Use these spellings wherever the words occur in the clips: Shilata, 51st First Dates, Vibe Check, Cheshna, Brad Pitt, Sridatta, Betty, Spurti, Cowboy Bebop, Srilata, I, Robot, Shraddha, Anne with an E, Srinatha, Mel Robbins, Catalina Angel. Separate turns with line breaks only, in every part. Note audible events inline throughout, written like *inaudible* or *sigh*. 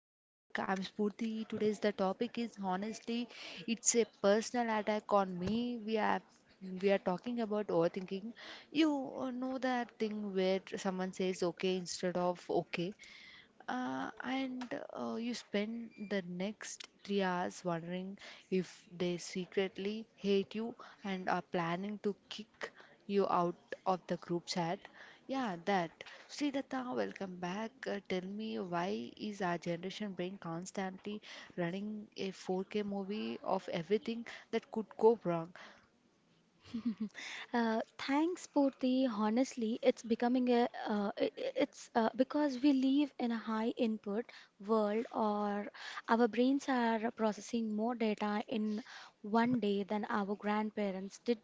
Vibe Check. I'm Spurti. Today's the topic is honestly, it's a personal attack on me. We are talking about overthinking. You know that thing where someone says okay instead of okay and you spend the next 3 hours wondering if they secretly hate you and are planning to kick you out of the group chat. Yeah, that. Sridatta, welcome back. Tell me, why is our generation brain constantly running a 4K movie of everything that could go wrong?
*laughs* Thanks, Purti. Honestly, it's becoming a I- it's because we live in a high input world, or our brains are processing more data in one day than our grandparents did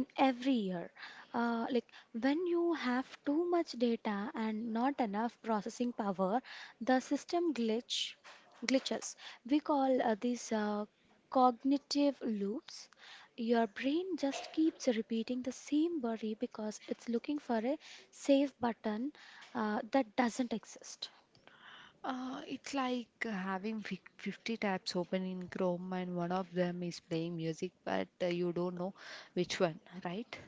in every year. Like when you have too much data and not enough processing power, the system glitches. We call these cognitive loops. Your brain just keeps repeating the same worry because it's looking for a save button that doesn't exist.
It's like having 50 tabs open in Chrome and one of them is playing music, but you don't know which one, right?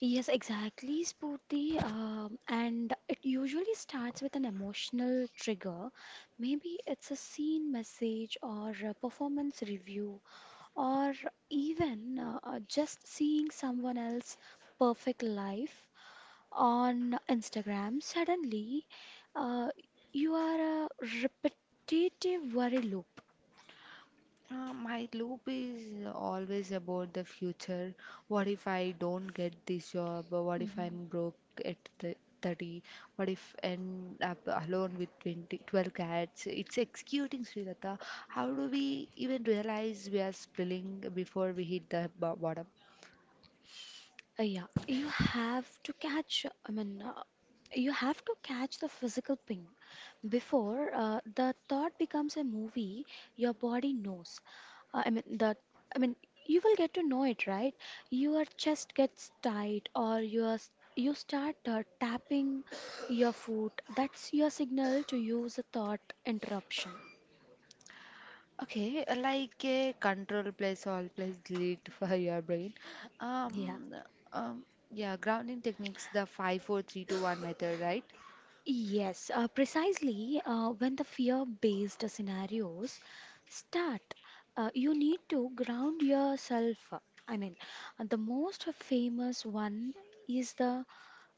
Yes, exactly, Spurti. And it usually starts with an emotional trigger. Maybe it's a scene message or a performance review, or even just seeing someone else's perfect life on Instagram. Suddenly uh, you are a repetitive worry loop.
My loop is always about the future. What if I don't get this job? What if
Mhm.
I'm broke at the 30? What if end up alone with 20, 12 cats? It's executing, Srilata. How do we even realize we are spilling before we hit the bottom?
Yeah, you have to catch, I mean, you have to catch the physical ping. Before the thought becomes a movie, your body knows. Uh, I mean, the, I mean, you will get to know it, right? Your chest gets tight, or you start tapping your foot. That's your signal to use a thought interruption.
Okay, like a control plus all plus delete *laughs* for your brain.
Yeah.
Um, um, yeah, grounding techniques, the five, four, three, two, one method, right?
Yes, precisely. When the fear-based scenarios start, you need to ground yourself. I mean, the most famous one is the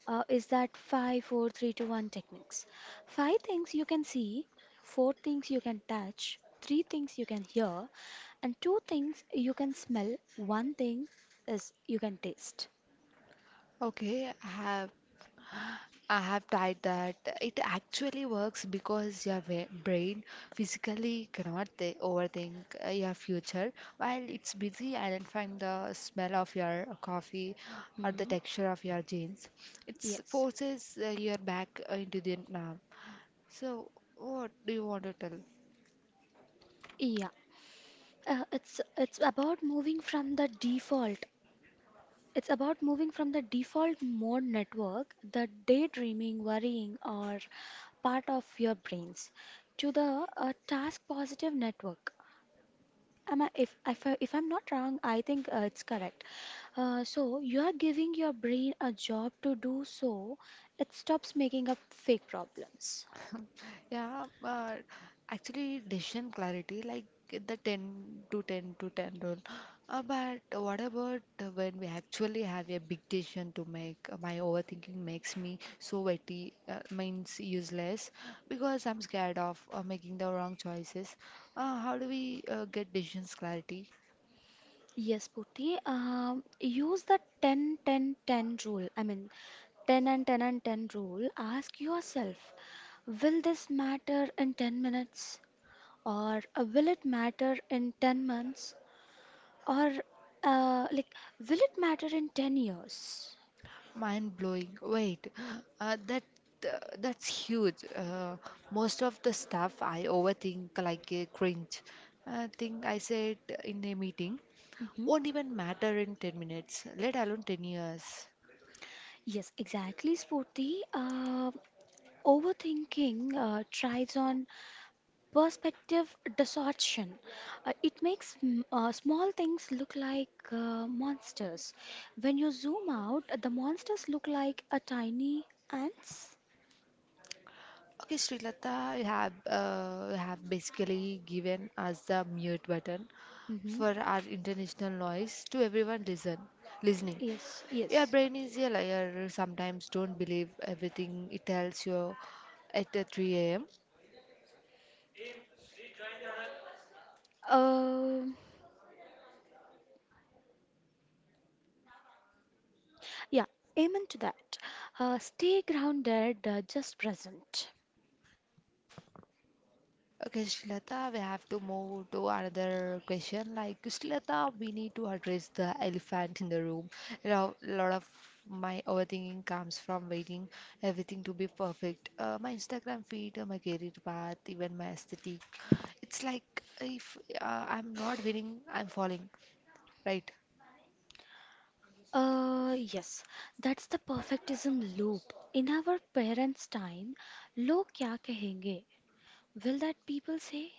is that five, four, three, two, one techniques. Five things you can see, four things you can touch, three things you can hear, and two things you can smell. One thing is you can taste.
Okay, I have tried that. It actually works because your brain physically cannot overthink your future while it's busy identifying the smell of your coffee or the
Hmm.
texture of your jeans. It
Yes.
forces your back into the now. So, what do you want to tell?
Yeah. It's about moving from the default. It's about moving from the default mode network, the daydreaming, worrying, or part of your brains, to the task positive network. Am I, if, I, if I'm not wrong, I think it's correct. So you are giving your brain a job to do so it stops making up fake problems.
Yeah, but actually, decision clarity, like the 10 to 10 to 10 rule. But what about when we actually have a big decision to make? My overthinking makes me so witty, means useless, because I'm scared of making the wrong choices. How do we get decisions clarity?
Yes, Purti. Use the 10, 10, 10 rule. I mean, 10 and 10 and 10 rule. Ask yourself, will this matter in 10 minutes? Or will it matter in 10 months? Or like, will it matter in 10 years?
Mind blowing. Wait, uh, that that's huge. Most of the stuff I overthink, like a cringe thing I said in a meeting,
Hmm.
won't even matter in 10 minutes, let alone 10 years.
Yes, exactly, Spurti. Overthinking thrives on perspective distortion. It makes small things look like monsters. When you zoom out, the monsters look like a tiny ants.
Okay, Srilata, you have basically given us the mute button
Hmm.
for our international noise. To everyone listening.
Yes,
Your
yes.
brain is a liar. Sometimes don't believe everything it tells you at 3 a.m.
Um yeah, amen to that. Stay grounded, just present.
Okay, Shilata, we have to move to another question. Like, Shilata, we need to address the elephant in the room. You know, a lot of my overthinking comes from waiting everything to be perfect. My Instagram feed, my career path, even my aesthetic. It's like, if I'm not winning, I'm falling. Right.
Yes, that's the perfectism loop. In our parents' time, log kya kahenge? Will that people say?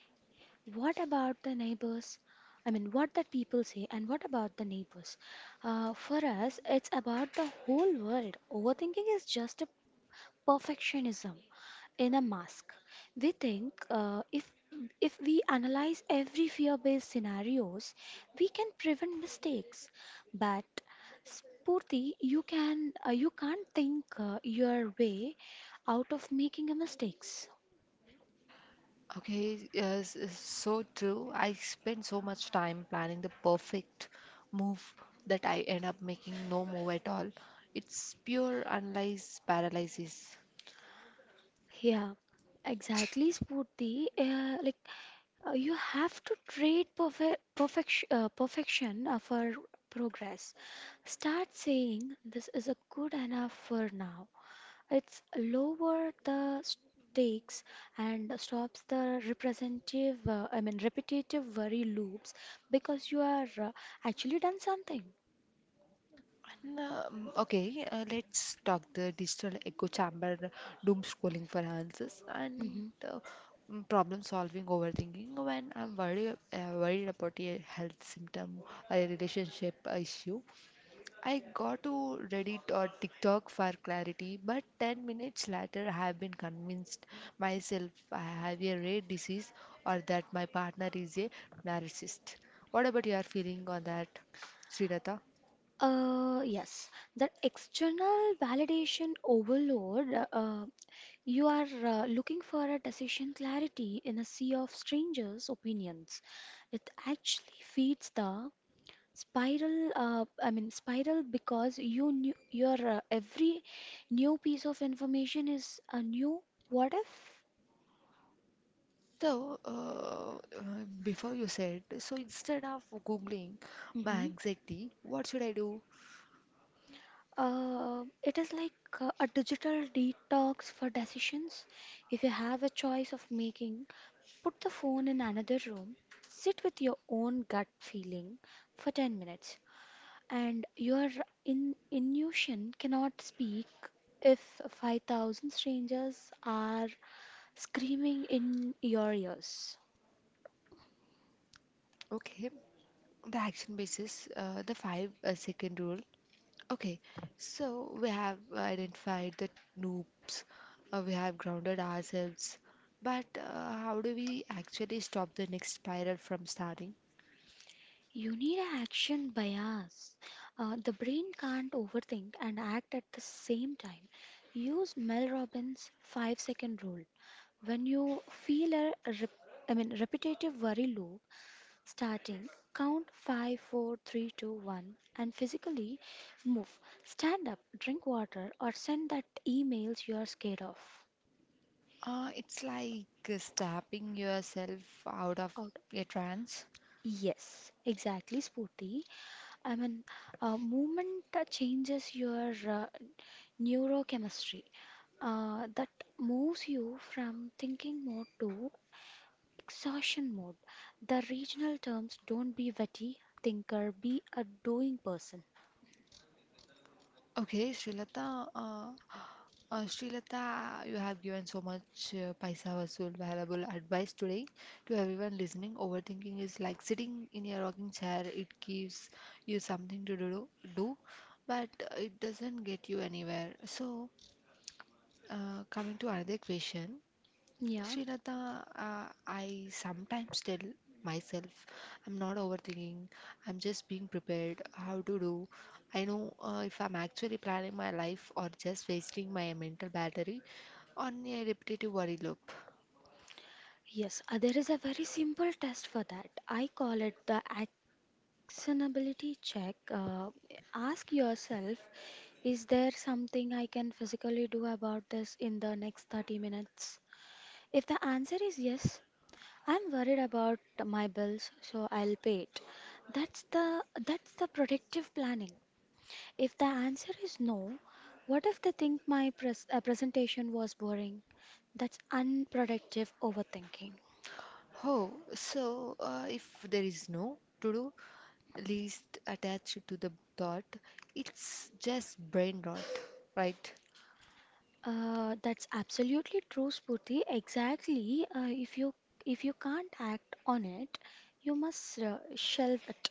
What about the neighbors? I mean, what that people say, and what about the neighbors? For us, it's about the whole world. Overthinking is just a perfectionism in a mask. We think if we analyze every fear-based scenarios, we can prevent mistakes. But Spurti, you can't think your way out of making a mistakes.
Okay, yes, it's so true. I spend so much time planning the perfect move that I end up making no move at all. It's pure analyze paralysis.
Yeah, exactly, Spurti. Like, you have to trade perfection for progress. Start saying this is a good enough for now. It's lower the stakes and stops the representative, I mean, repetitive worry loops because you are actually done something.
And, okay, let's talk the digital echo chamber, doom scrolling for answers, and
Hmm.
uh, problem solving, overthinking. When I'm worried about a health symptom, a relationship issue, I got to Reddit or TikTok for clarity, but 10 minutes later, I have been convinced myself I have a rare disease or that my partner is a narcissist. What about your feeling on that, Srinatha?
Yes, that external validation overload. You are looking for a decision clarity in a sea of strangers' opinions. It actually feeds the spiral. I mean, spiral because you knew your every new piece of information is a new what if.
So, before you said, so instead of Googling
Hmm.
my anxiety, what should I do?
It is like a digital detox for decisions. If you have a choice of making, put the phone in another room, sit with your own gut feeling for 10 minutes. And your in Inusion cannot speak if 5,000 strangers are screaming in your ears.
Okay, the action basis, the five second rule. Okay, so we have identified the noobs, we have grounded ourselves, but how do we actually stop the next spiral from starting?
You need an action bias. The brain can't overthink and act at the same time. Use Mel Robbins' 5 second rule. When you feel a I mean, repetitive worry loop starting, count five, four, three, two, one, and physically move. Stand up, drink water, or send that emails you are scared of.
It's like snapping yourself out of
Out.
a trance.
Yes, exactly, Spooty. I mean, movement changes your neurochemistry. That moves you from thinking mode to exhaustion mode. The regional terms, don't be witty thinker, be a doing person.
Okay, Srilata, you have given so much paisa vasool valuable advice today to everyone listening. Overthinking is like sitting in a rocking chair. It gives you something to do, but it doesn't get you anywhere. So, coming to another question,
Yeah.
Srinatha, I sometimes tell myself I'm not overthinking, I'm just being prepared. How to do I know if I'm actually planning my life or just wasting my mental battery on a repetitive worry loop?
Yes, there is a very simple test for that. I call it the actionability check. Ask yourself, is there something I can physically do about this in the next 30 minutes? If the answer is yes, I'm worried about my bills, so I'll pay it. That's the predictive planning. If the answer is no, what if they think my presentation was boring? That's unproductive overthinking.
Oh, so if there is no to do list attached to the thought, it's just brain rot, right?
That's absolutely true, Spooty. Exactly. If you can't act on it, you must shelve it.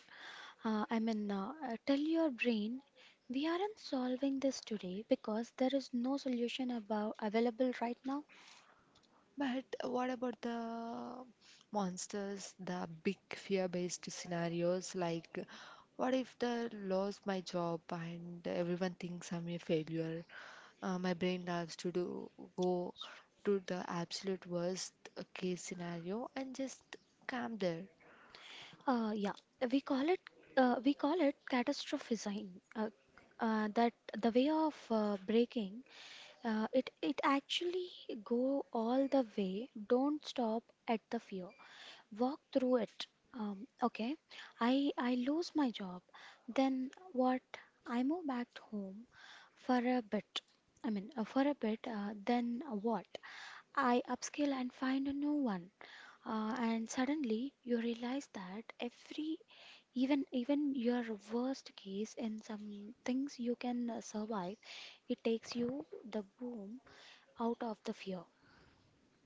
I mean, tell your brain we aren't solving this today because there is no solution about available right now.
But what about the monsters, the big fear-based scenarios? Like, what if the lost my job and everyone thinks I'm a failure? My brain loves to do go to the absolute worst case scenario and just calm there.
Yeah, we call it we call it catastrophizing. Uh, that the way of breaking, it actually go all the way. Don't stop at the fear. Walk through it. Okay, I lose my job. Then what? I move back home for a bit. I mean, for a bit. Then what? I upscale and find a new one. And suddenly you realize that every even even your worst case in some things you can survive, it takes you the boom out of the fear.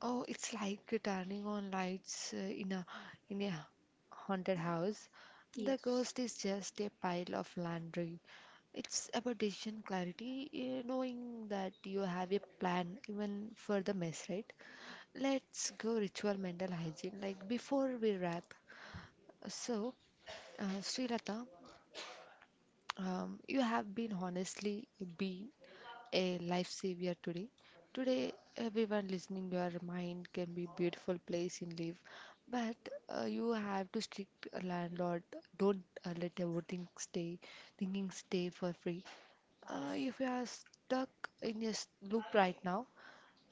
Oh, it's like turning on lights in a in a haunted house. The
Yes.
ghost is just a pile of laundry. It's about decision clarity, knowing that you have a plan even for the mess, right? Let's go ritual mental hygiene. Like, before we wrap, so Srilata, you have been honestly be a lifesaver today. Today, everyone listening, your mind can be beautiful place in life, but you have to strict a landlord. Don't let everything stay, thinking stay for free. If you are stuck in a loop right now,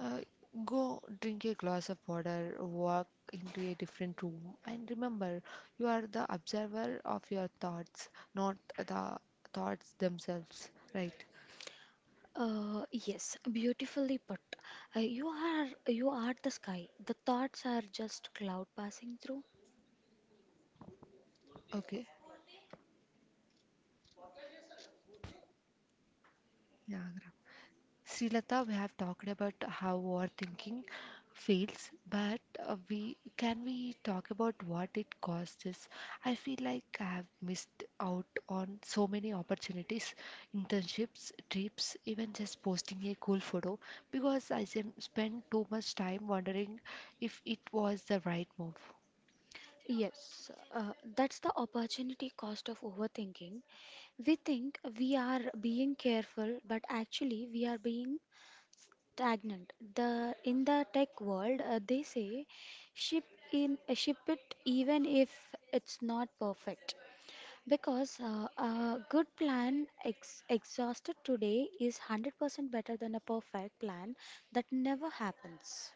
uh, go drink a glass of water, walk into a different room, and remember, you are the observer of your thoughts, not the thoughts themselves, right?
Yes, beautifully put. You are the sky. The thoughts are just cloud passing through.
Okay, yeah, Srilata, we have talked about how overthinking feels, but we can we talk about what it causes? I feel like I have missed out on so many opportunities, internships, trips, even just posting a cool photo because I spent too much time wondering if it was the right move.
Yes, that's the opportunity cost of overthinking. We think we are being careful, but actually we are being stagnant. The in the tech world, they say ship ship it even if it's not perfect. Because a good plan ex exhausted today is 100% better than a perfect plan that never happens.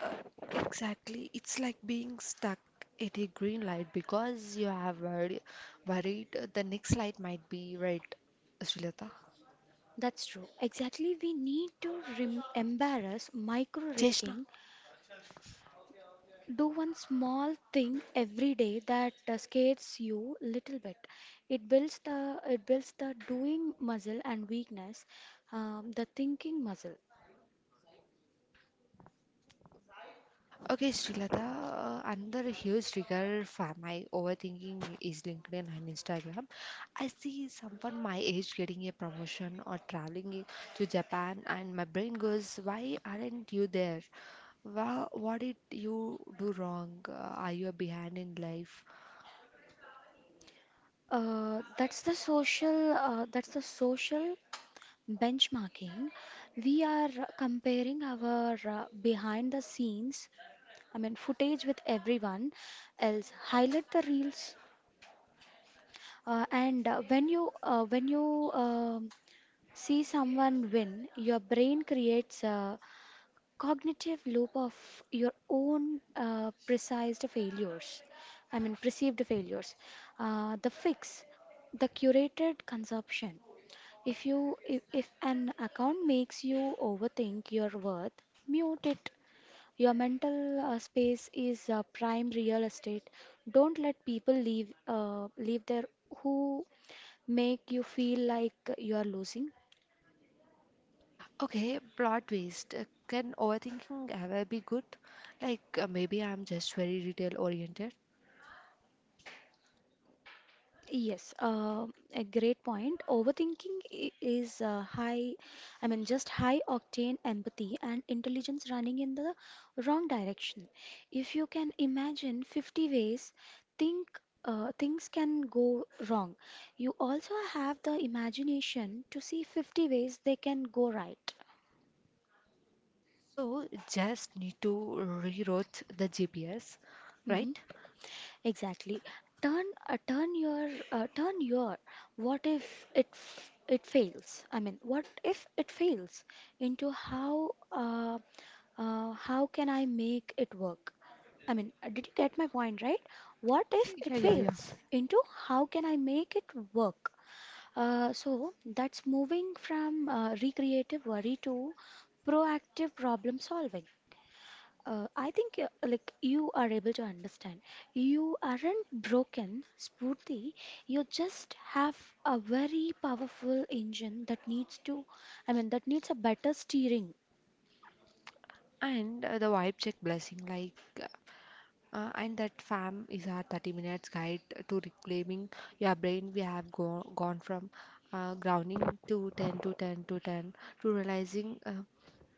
Uh, exactly. It's like being stuck at a green light because you have worried, the next light might be red. Srilata.
That's true. Exactly, we need to rem embarrass micro
Cheshna.
risking. Do one small thing every day that scares you little bit. It builds the doing muscle and weakness, the thinking muscle.
Okay, Srilata, another huge trigger for my overthinking is LinkedIn and Instagram. I see someone my age getting a promotion or traveling to Japan, and my brain goes, why aren't you there? Well, what did you do wrong? Are you behind in life?
That's the social benchmarking. We are comparing our behind the scenes, I mean, footage with everyone else. Highlight the reels, and when you see someone win. Your brain creates a cognitive loop of your own precised failures. I mean, perceived failures. The fix, the curated consumption. If an account makes you overthink your worth, mute it. Your mental space is prime real estate. Don't let people leave there who make you feel like you are losing.
Okay, plot twist. Can overthinking ever be good? Like, maybe I'm just very detail oriented.
Yes, a great point. Overthinking is high, I mean, just high octane empathy and intelligence running in the wrong direction. If you can imagine 50 ways, think things can go wrong. You also have the imagination to see 50 ways they can go right.
So just need to rewrote the GPS,
Mm-hmm.
right?
Exactly. Turn your what if it it fails? I mean, what if it fails into how can I make it work? I mean, did you get my point, right? What if it
Yeah, yeah, yeah.
fails into how can I make it work? So that's moving from recreative worry to proactive problem solving. I think like you are able to understand. You aren't broken, Spurti. You just have a very powerful engine that I mean, that needs a better steering.
And the vibe check blessing, like, and that, fam, is our 30 minutes guide to reclaiming your brain. We have go gone from grounding to 10 to 10 to 10 to realizing uh,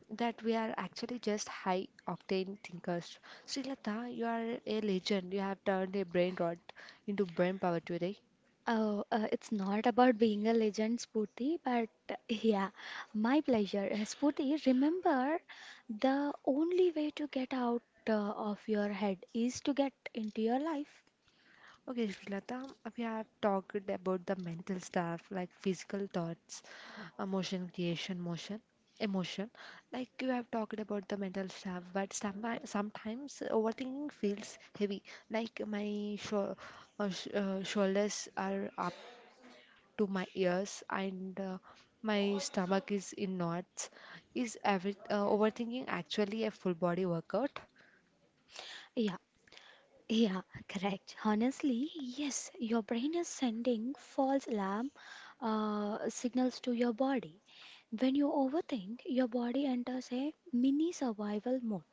that we are actually just high octane thinkers. Srilata, you are a legend. You have turned a brain rot into brain power today.
It's not about being a legend, Spurti, but *laughs* yeah, my pleasure. Spurti, remember the only way to get out of your head is to get into your life.
Okay, Srilata, we have talked about the mental stuff like physical thoughts, emotion creation, motion, emotion. Like, you have talked about the mental stuff, but sometimes overthinking feels heavy. Like, my shoulders are up to my ears and my stomach is in knots. Is every overthinking actually a full body workout?
Yeah, yeah, correct. Honestly, yes, your brain is sending false alarm signals to your body. When you overthink, your body enters a mini survival mode.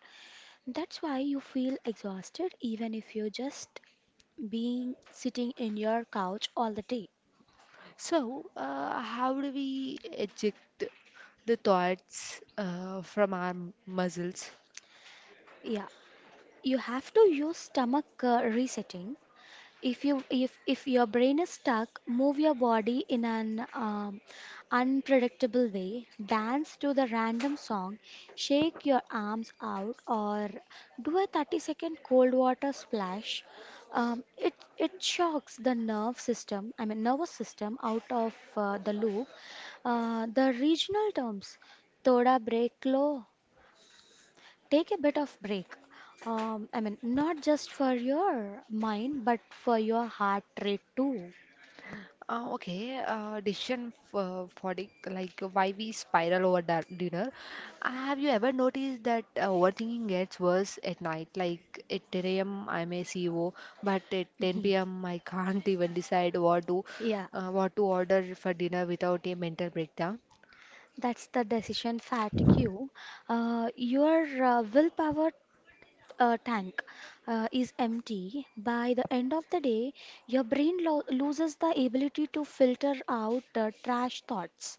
That's why you feel exhausted even if you're just being sitting in your couch all the day.
So, how do we eject the thoughts from our muscles?
Yeah, you have to use stomach resetting. If your brain is stuck, move your body in an unpredictable way. Dance to the random song, shake your arms out, or do a 30-second cold water splash. It shocks the nerve system, I mean, nervous system, out of the loop. The regional terms, thoda break lo, take a bit of break, I mean, not just for your mind but for your heart rate too. *laughs*
Okay, decision fatigue, like, why we spiral over dinner. Have you ever noticed that overthinking gets worse at night? Like, at 10 a.m. I'm a CEO, but at
Mhm.
10 p.m. *laughs* I can't even decide what to
Yeah,
uh, what to order for dinner without a mental breakdown.
that's the decision fatigue. Your willpower tank is empty by the end of the day. Your brain loses the ability to filter out trash thoughts.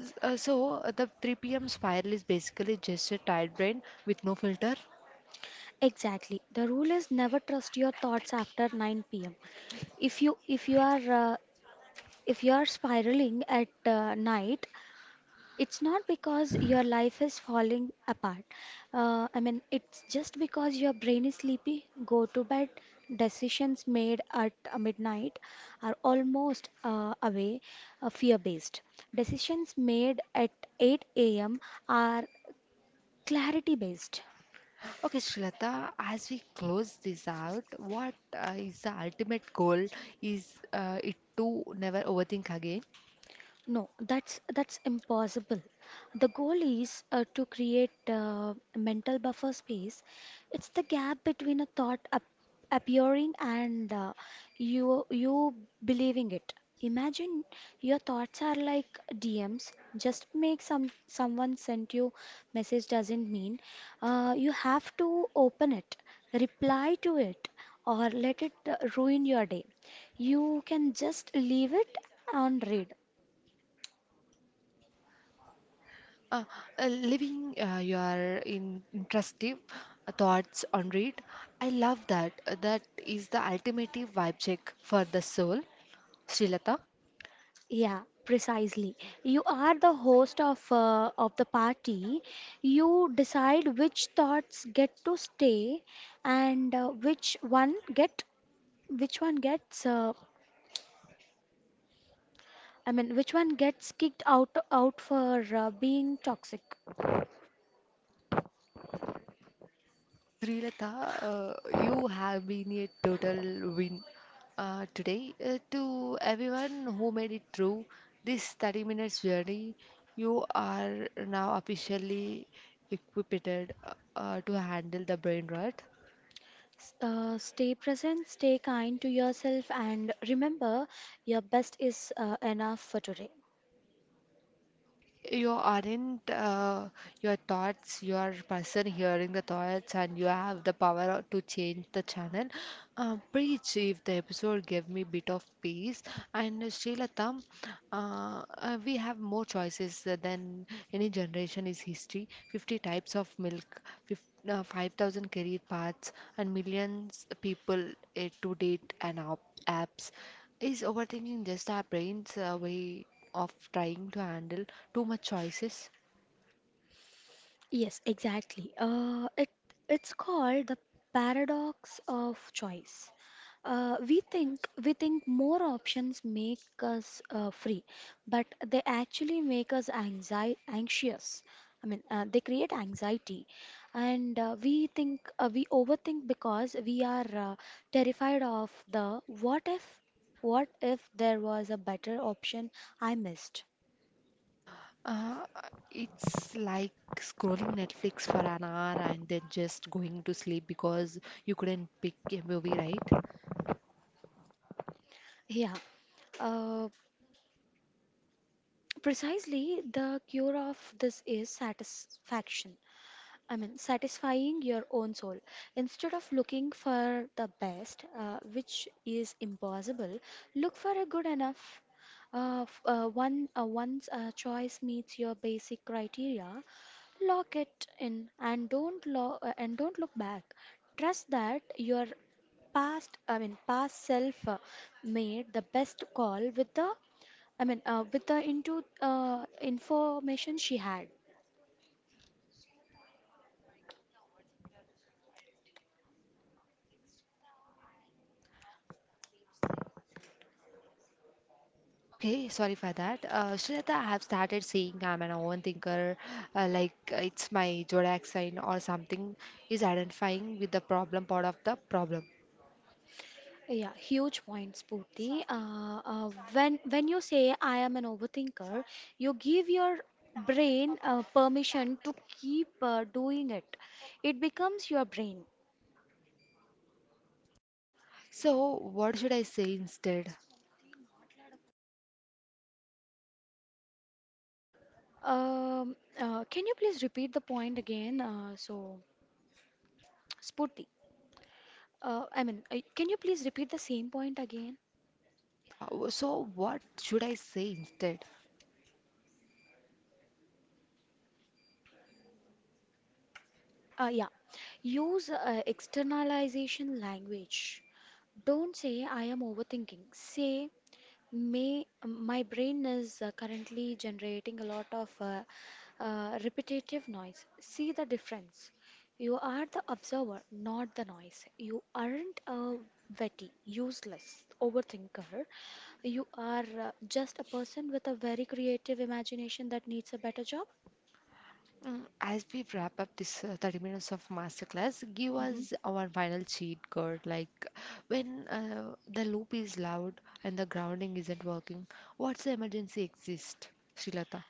So the 3 p.m. spiral is basically just a tired brain with no filter.
Exactly, the rule is never trust your thoughts after 9 p.m. if you if you are uh, If you're spiraling at night, it's not because your life is falling apart. I mean, it's just because your brain is sleepy. Go to bed. Decisions made at midnight are almost away, fear-based. Decisions made at 8 a.m. are clarity-based.
Okay, Shilata, as we close this out, what is the ultimate goal? Is it to never overthink again?
No, that's impossible. The goal is to create a mental buffer space. It's the gap between a thought ap appearing and you believing it. Imagine your thoughts are like DMs. Just make someone sent you message doesn't mean you have to open it, reply to it, or let it ruin your day. You can just leave it on read.
Uh, Living your in intrusive thoughts on read. I love that. That is the ultimate vibe check for the soul. Shilata.
Yeah, precisely. You are the host of the party. You decide which thoughts get to stay and which one gets uh, which one gets kicked out for being toxic.
Srilata, you have been a total win today. To everyone who made it through this 30 minutes journey, you are now officially equipped to handle the brain rot.
Stay present, stay kind to yourself, and remember your best is enough for today.
You aren't your thoughts, you are person hearing the thoughts, and you have the power to change the channel. Preach if the episode gave me bit of peace. And Srilatham, we have more choices than any generation is history. 50 types of milk, fif 5,000 career paths, and millions people to date and op apps. Is overthinking just our brain's way of trying to handle too much choices?
Yes, exactly. It's called the paradox of choice. We think more options make us free, but they actually make us anxious. They create anxiety, and we overthink because we are terrified of the what if there was a better option I missed.
Uh, it's like scrolling Netflix for an hour and then just going to sleep because you couldn't pick a movie, right?
Yeah. Uh, Precisely, the cure of this is satisfaction. I mean, satisfying your own soul. Instead of looking for the best, which is impossible, look for a good enough. Once a choice meets your basic criteria, lock it in and don't look back. Trust that your past self made the best call with with the into information she had.
Okay, sorry for that. Shraddha, I have started saying I'm an overthinker, like, it's my zodiac sign or something. Is identifying with the problem part of the problem?
Yeah, huge point, Spooty. When you say I am an overthinker, you give your brain permission to keep doing it. It becomes your brain.
So, what should I say instead?
Can you please repeat the point again? So, Spooty, can you please repeat the same point again?
Yeah, so what should I say instead?
Yeah, use externalization language. Don't say I am overthinking. Say May, my brain is currently generating a lot of repetitive noise. See the difference. You are the observer, not the noise. You aren't a witty, useless overthinker. You are just a person with a very creative imagination that needs a better job.
As we wrap up this 30 minutes of masterclass, give
Mm-hmm.
us our final cheat code. Like, when the loop is loud and the grounding isn't working, what's the emergency exist, Srilata?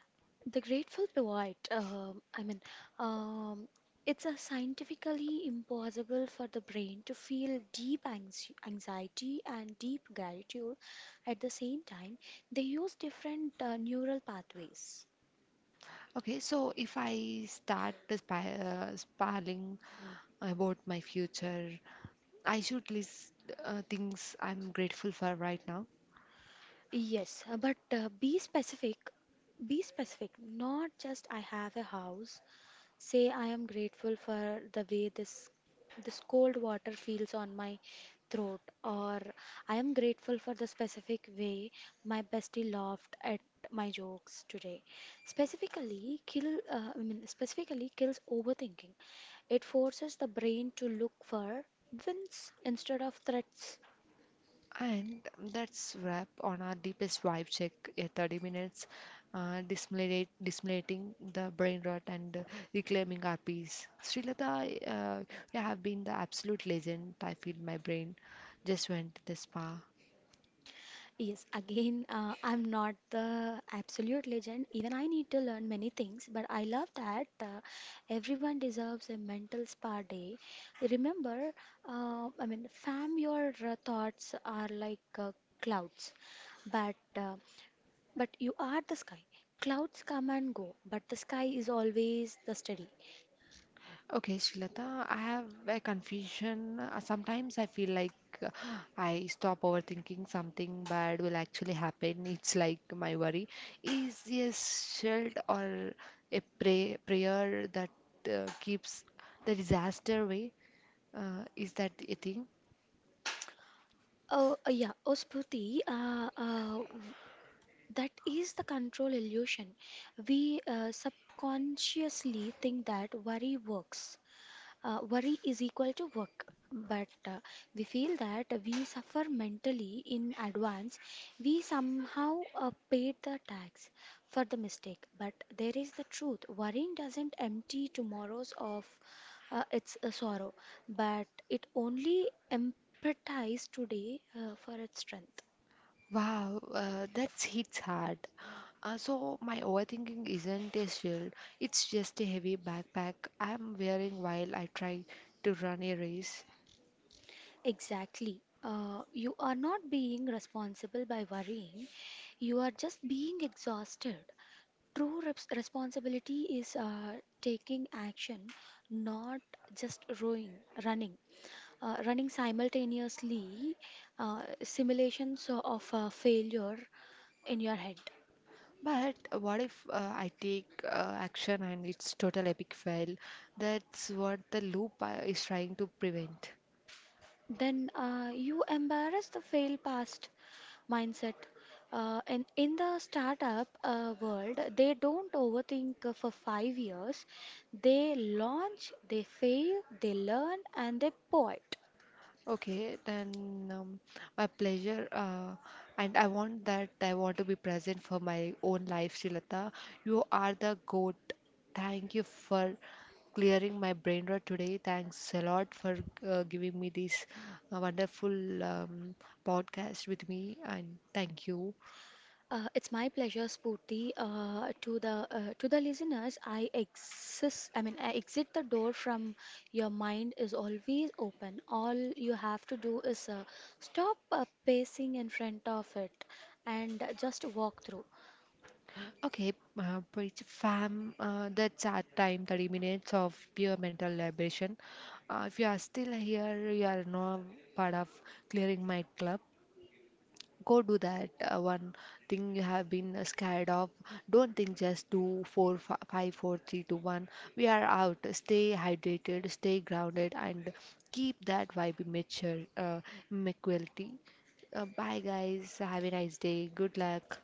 The Grateful Pivot, um, it's a scientifically impossible for the brain to feel anxiety and deep gratitude at the same time. They use different neural pathways.
Okay, so if I start spiraling about my future, I should list things I'm grateful for right now.
Yes, but be specific. Be specific, not just I have a house. Say, I am grateful for the way this cold water feels on my throat, or I am grateful for the specific way my bestie laughed at my jokes today. Specifically kills overthinking. It forces the brain to look for wins instead of threats.
And that's wrap on our deepest vibe check at 30 minutes, disseminating the brain rot and reclaiming our peace. Srilata, you have been the absolute legend. I feel my brain just went to the spa.
Yes, again, I'm not the absolute legend. Even I need to learn many things, but I love that everyone deserves a mental spa day. Remember, fam, your thoughts are like clouds, but uh, but you are the sky. Clouds come and go, but the sky is always the steady.
Okay, Shilata, I have a confusion. Sometimes I feel like, uh, I stop overthinking something bad will actually happen. *laughs* It's like my worry is a shield or a prayer that keeps the disaster away. Is that a thing?
Oh, yeah. Oh, Spruti, that is the control illusion. We subconsciously think that worry works. Worry is equal to work. But we feel that we suffer mentally in advance. We somehow paid the tax for the mistake. But there is the truth. Worrying doesn't empty tomorrow's of its sorrow, but it only empathize today for its strength.
Wow, that hits hard. So my overthinking isn't a shield. It's just a heavy backpack I'm wearing while I try to run a race.
Exactly. You are not being responsible by worrying. You are just being exhausted. True reps responsibility is taking action, not just rowing, running. Running simultaneously, simulations of failure in your head.
But what if I take action and it's total epic fail? That's what the loop is trying to prevent.
Then you embarrass the fail past mindset. And in the startup world, they don't overthink for 5 years. They launch, they fail, they learn, and they pivot.
Okay, then, my pleasure, and I want to be present for my own life, Srilata. You are the goat. Thank you for clearing my brain rot today. Thanks a lot for giving me this wonderful podcast with me, and thank you.
It's my pleasure, Spooty. To the listeners, I exist. I mean, I exit the door from your mind is always open. All you have to do is stop pacing in front of it and just walk through.
Okay, but it's, fam, that's our time, 30 minutes of pure mental liberation. If you are still here, you are not part of clearing my club. Go do that one thing you have been scared of. Don't think, just do four, five, four, three, two, one. We are out. Stay hydrated, stay grounded, and keep that vibe mature, equality. Bye, guys. Have a nice day. Good luck.